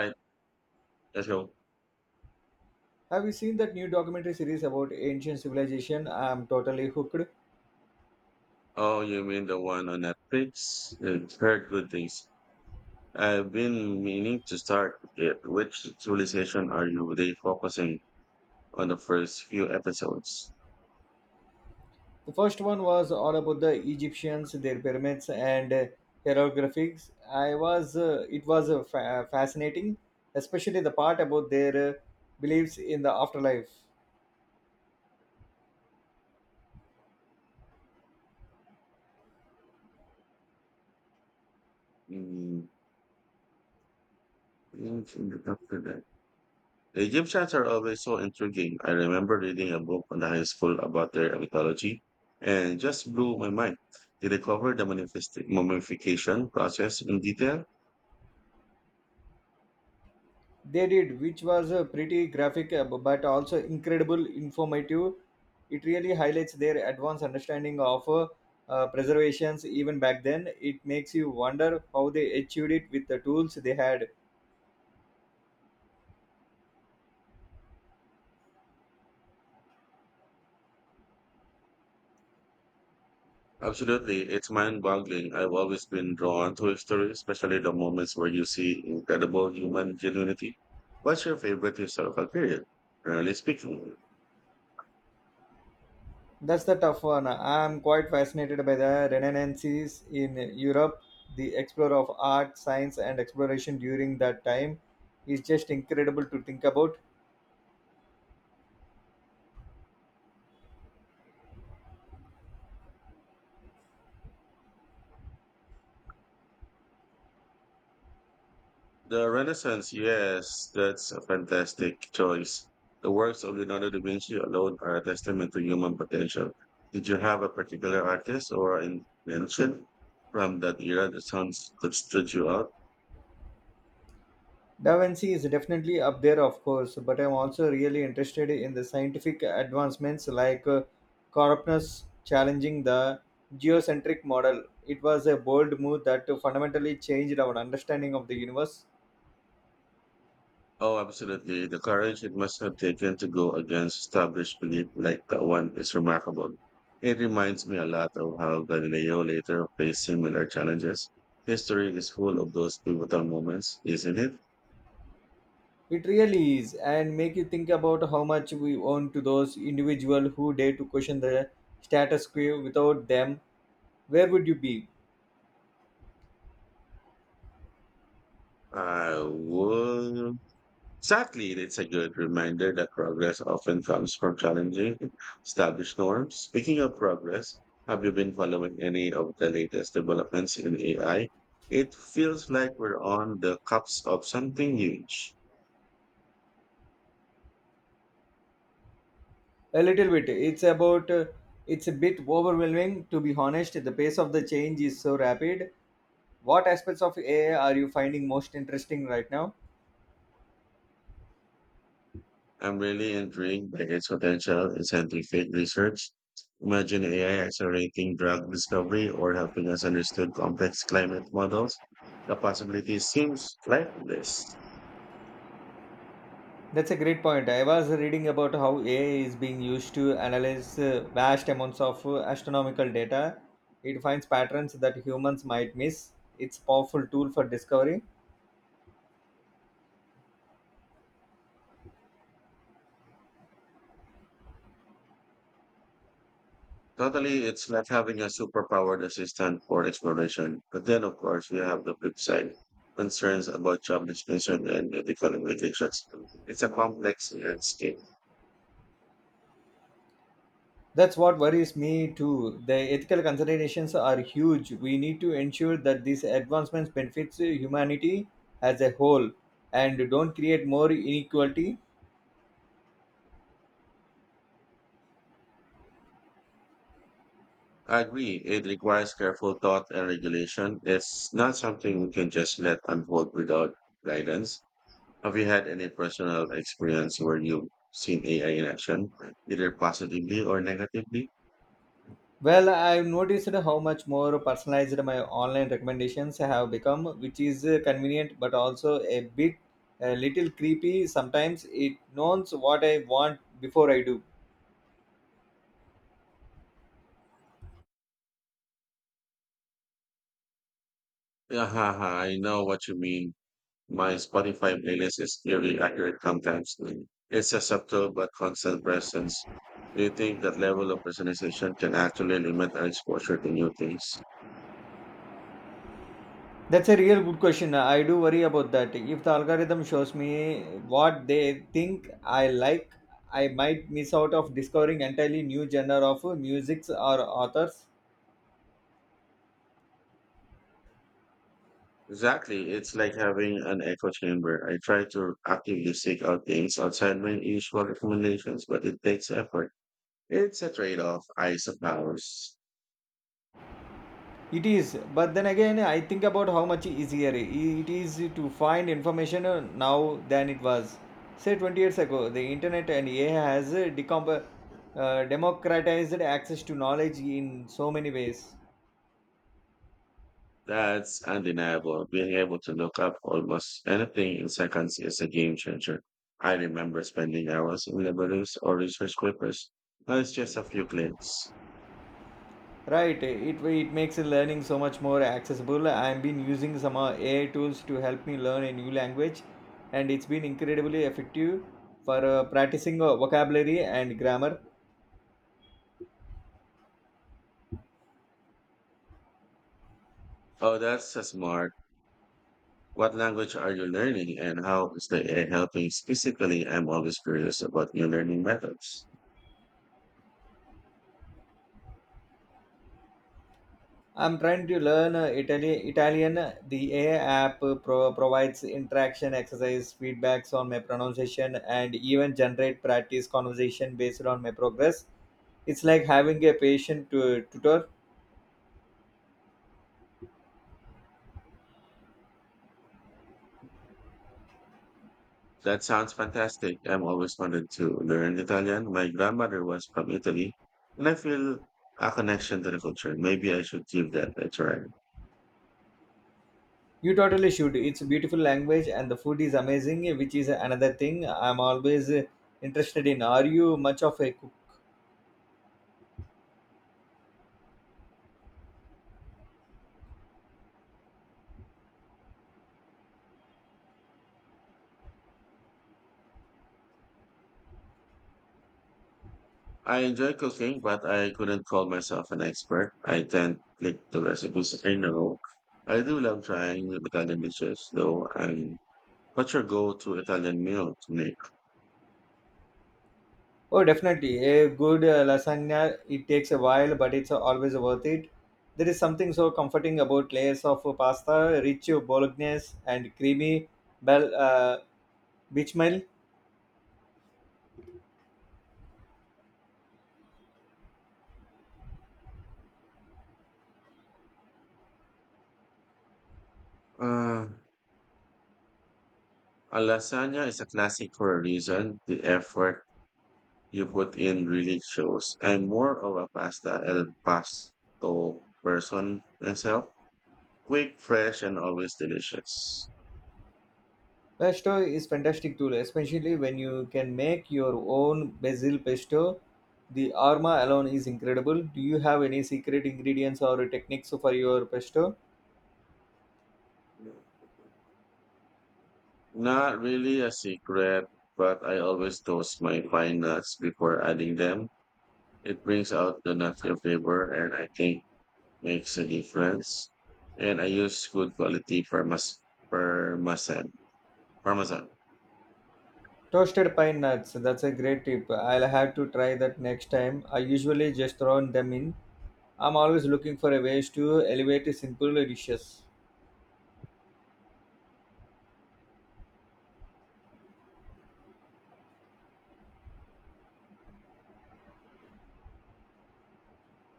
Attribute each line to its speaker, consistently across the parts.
Speaker 1: I, that show.
Speaker 2: Have you seen that new documentary series about ancient civilization? I'm totally hooked.
Speaker 1: Oh, you mean the one on Netflix? I've heard good things. I've been meaning to start it. Which civilization are you really focusing on the first few episodes?
Speaker 2: The first one was all about the Egyptians, their pyramids, and hieroglyphics. I was it was fa- fascinating, especially the part about their beliefs in the afterlife.
Speaker 1: Mm, what's in the top for that? The Egyptians are always so intriguing. I remember reading a book in high school about their mythology and just blew my mind. Did they cover the mummification process in detail?
Speaker 2: They did, which was pretty graphic, but also incredible informative. It really highlights their advanced understanding of preservations even back then. It makes you wonder how they achieved it with the tools they had.
Speaker 1: Absolutely, it's mind-boggling. I've always been drawn to history, especially the moments where you see incredible human ingenuity. What's your favorite historical period? Generally speaking,
Speaker 2: That's the tough one. I'm quite fascinated by the Renaissance in Europe. The explorer of art, science, and exploration during that time is just incredible to think about.
Speaker 1: the Renaissance. Yes, that's a fantastic choice. The works of Leonardo da Vinci alone are a testament to human potential. Did you have a particular artist or invention from that era that sounds that stood you out?
Speaker 2: Da Vinci is definitely up there, of course, but I'm also really interested in the scientific advancements like Copernicus challenging the geocentric model. It was a bold move that fundamentally changed our understanding of the universe.
Speaker 1: Oh, absolutely. The courage it must have taken to go against established belief like that one is remarkable. It reminds me a lot of how Galileo later faced similar challenges. History is full of those pivotal moments, isn't it?
Speaker 2: It really is, and make you think about how much we owe to those individuals who dare to question the status quo. Without them, where would you be?
Speaker 1: I would Exactly, it's a good reminder that progress often comes from challenging established norms. Speaking of progress, have you been following any of the latest developments in AI? It feels like we're on the cusp of something huge.
Speaker 2: A little bit. It's about. It's a bit overwhelming, to be honest. The pace of the change is so rapid. What aspects of AI are you finding most interesting right now?
Speaker 1: I'm really intrigued by its potential in scientific research. Imagine AI accelerating drug discovery or helping us understand complex climate models. The possibility seems limitless.
Speaker 2: That's a great point. I was reading about how AI is being used to analyze vast amounts of astronomical data. It finds patterns that humans might miss. It's a powerful tool for discovery.
Speaker 1: Totally, it's like having a superpowered assistant for exploration. But then, of course, we have the flip side concerns about job displacement and ethical implications. It's a complex landscape.
Speaker 2: That's what worries me too. The ethical considerations are huge. We need to ensure that these advancements benefits humanity as a whole and don't create more inequality.
Speaker 1: I agree, it requires careful thought and regulation. It's not something we can just let unfold without guidance. Have you had any personal experience where you've seen AI in action, either positively or negatively?
Speaker 2: Well, I've noticed how much more personalized my online recommendations have become, which is convenient but also a little creepy. Sometimes it knows what I want before I do.
Speaker 1: Yeah, ha, ha. I know what you mean. My Spotify playlist is eerily accurate sometimes. It's a subtle but constant presence. Do you think that level of personalization can actually limit our exposure to new things?
Speaker 2: That's a real good question. I do worry about that. If the algorithm shows me what they think I like, I might miss out of discovering entirely new genre of music or authors.
Speaker 1: Exactly. It's like having an echo chamber. I try to actively seek out things outside my usual recommendations, but it takes effort. It's a trade off, I suppose.
Speaker 2: It is, but then again, I think about how much easier it is to find information now than it was. Say 20 years ago, the internet and AI has democratized access to knowledge in so many ways.
Speaker 1: That's undeniable. Being able to look up almost anything in seconds is a game changer. I remember spending hours in libraries or research papers. Now it's just a few clicks.
Speaker 2: Right, it makes learning so much more accessible. I've been using some AI tools to help me learn a new language, and it's been incredibly effective for practicing vocabulary and grammar.
Speaker 1: Oh, that's so smart. What language are you learning and how is the AI helping? Specifically, I'm always curious about new learning methods.
Speaker 2: I'm trying to learn Italian. The AI app provides interaction, exercise, feedbacks on my pronunciation, and even generate practice conversation based on my progress. It's like having a patient tutor.
Speaker 1: That sounds fantastic. I've always wanted to learn Italian. My grandmother was from Italy, and I feel a connection to the culture. Maybe I should give that a try.
Speaker 2: You totally should. It's a beautiful language, and the food is amazing, which is another thing I'm always interested in. Are you much of a cook?
Speaker 1: I enjoy cooking, but I couldn't call myself an expert. I tend to click the recipes I know. I do love trying Italian dishes, though. And what's your go-to Italian meal to make?
Speaker 2: Oh, definitely. A good lasagna, it takes a while, but it's always worth it. There is something so comforting about layers of pasta, rich bolognese, and creamy bel, uh, bechamel.
Speaker 1: Uh, a lasagna is a classic for a reason. The effort you put in really shows. I'm more of a pasta and pasto person myself. Quick, fresh, and always delicious.
Speaker 2: Pesto is fantastic too, especially when you can make your own basil pesto. The aroma alone is incredible. Do you have any secret ingredients or techniques for your pesto?
Speaker 1: Not really a secret, but I always toast my pine nuts before adding them. It brings out the nutty flavor and I think makes a difference. And I use good quality parmesan. Parmesan.
Speaker 2: Toasted pine nuts, that's a great tip. I'll have to try that next time. I usually just throw them in. I'm always looking for a ways to elevate simple dishes.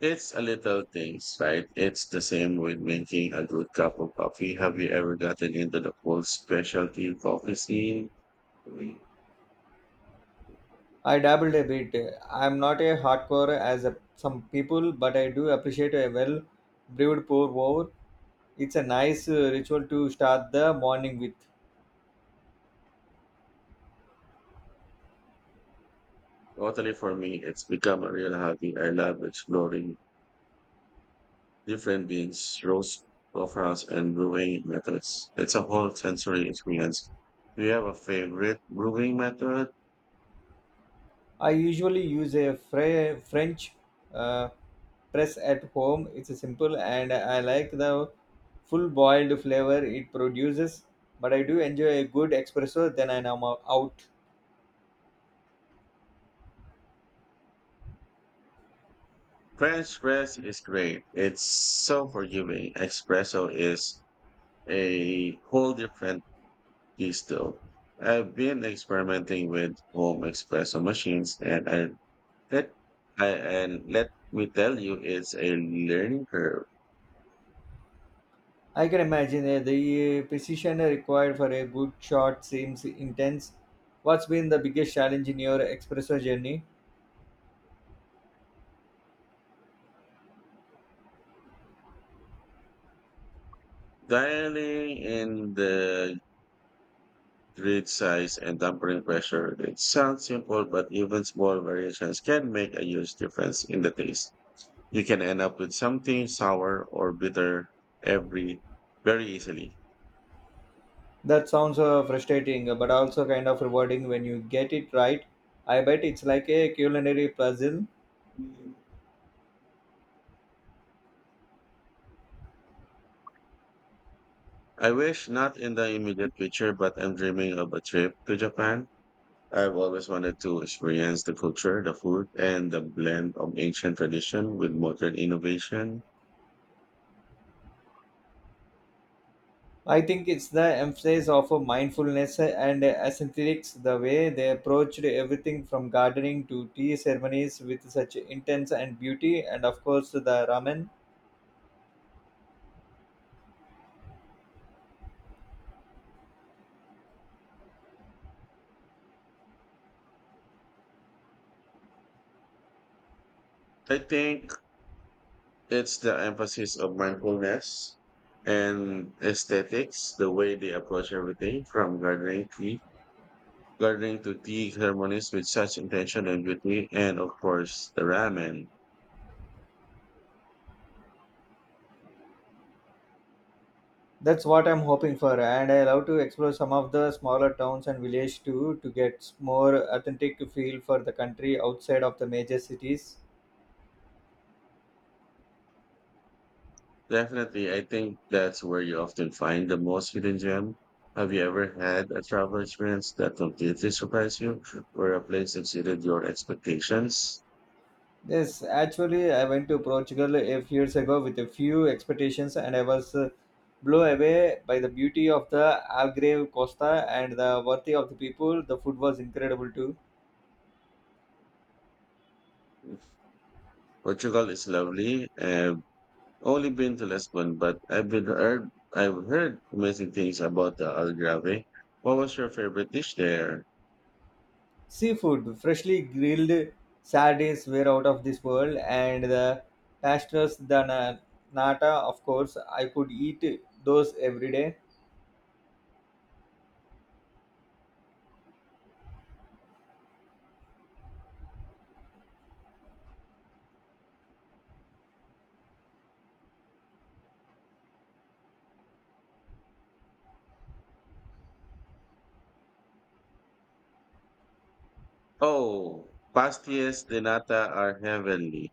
Speaker 1: It's a little things, right? It's the same with making a good cup of coffee. Have you ever gotten into the whole specialty coffee scene?
Speaker 2: I dabbled a bit. I'm not a hardcore as a, some people, but I do appreciate a well brewed pour over. It's a nice ritual to start the morning with.
Speaker 1: Totally for me, it's become a real hobby. I love exploring different beans, roast profiles, and brewing methods. It's a whole sensory experience. Do you have a favorite brewing method?
Speaker 2: I usually use a French uh, press at home. It's simple and I like the full boiled flavor it produces, but I do enjoy a good espresso then I'm out.
Speaker 1: French press is great. It's so forgiving. Espresso is a whole different beast though. I've been experimenting with home espresso machines let and let me tell you it's a learning curve.
Speaker 2: I can imagine the precision required for a good shot seems intense. What's been the biggest challenge in your espresso journey?
Speaker 1: Dialing in the grid size, and tampering pressure. It sounds simple, but even small variations can make a huge difference in the taste. You can end up with something sour or bitter every very easily.
Speaker 2: That sounds frustrating, but also kind of rewarding when you get it right. I bet it's like a culinary puzzle.
Speaker 1: I wish not in the immediate future, but I'm dreaming of a trip to Japan. I've always wanted to experience the culture, the food, and the blend of ancient tradition with modern innovation.
Speaker 2: I think it's the emphasis of mindfulness and aesthetics, the way they approached everything from gardening to tea ceremonies with such intense and beauty, and of course the ramen.
Speaker 1: I think It's the emphasis of mindfulness and aesthetics, the way they approach everything from gardening to tea ceremonies with such intention and beauty, and of course the ramen.
Speaker 2: That's what I'm hoping for, and I love to explore some of the smaller towns and villages too to get more authentic feel for the country outside of the major cities.
Speaker 1: Definitely, I think that's where you often find the most hidden gem. Have you ever had a travel experience that completely surprised you, or a place exceeded your expectations?
Speaker 2: Yes, actually, I went to Portugal a few years ago with a few expectations, and I was blown away by the beauty of the Algarve Costa and the worthy of the people. The food was incredible too.
Speaker 1: Portugal is lovely, only been to Lisbon, but I've heard amazing things about the Algarve. What was your favorite dish there?
Speaker 2: Seafood, freshly grilled sardines were out of this world, and the pastas, the nata, of course, I could eat those every day.
Speaker 1: Oh, pastillas de nata are heavenly.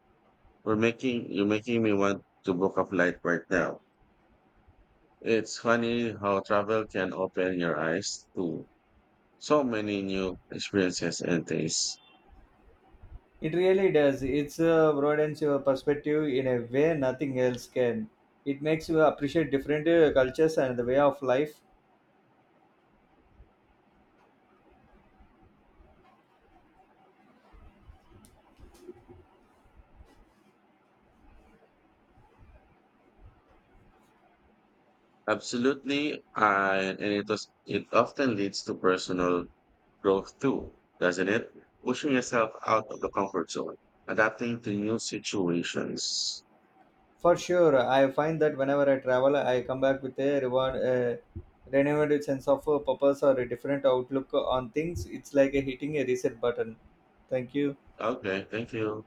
Speaker 1: We're making you're making me want to book a flight right now. It's funny how travel can open your eyes to so many new experiences and tastes.
Speaker 2: It really does. It's broadens your perspective in a way nothing else can. It makes you appreciate different cultures and the way of life.
Speaker 1: Absolutely, and it often leads to personal growth too, doesn't it? Pushing yourself out of the comfort zone, adapting to new situations.
Speaker 2: For sure, I find that whenever I travel, I come back with a reward, a renewed sense of purpose or a different outlook on things. It's like a hitting a reset button. Thank you.
Speaker 1: Okay, thank you.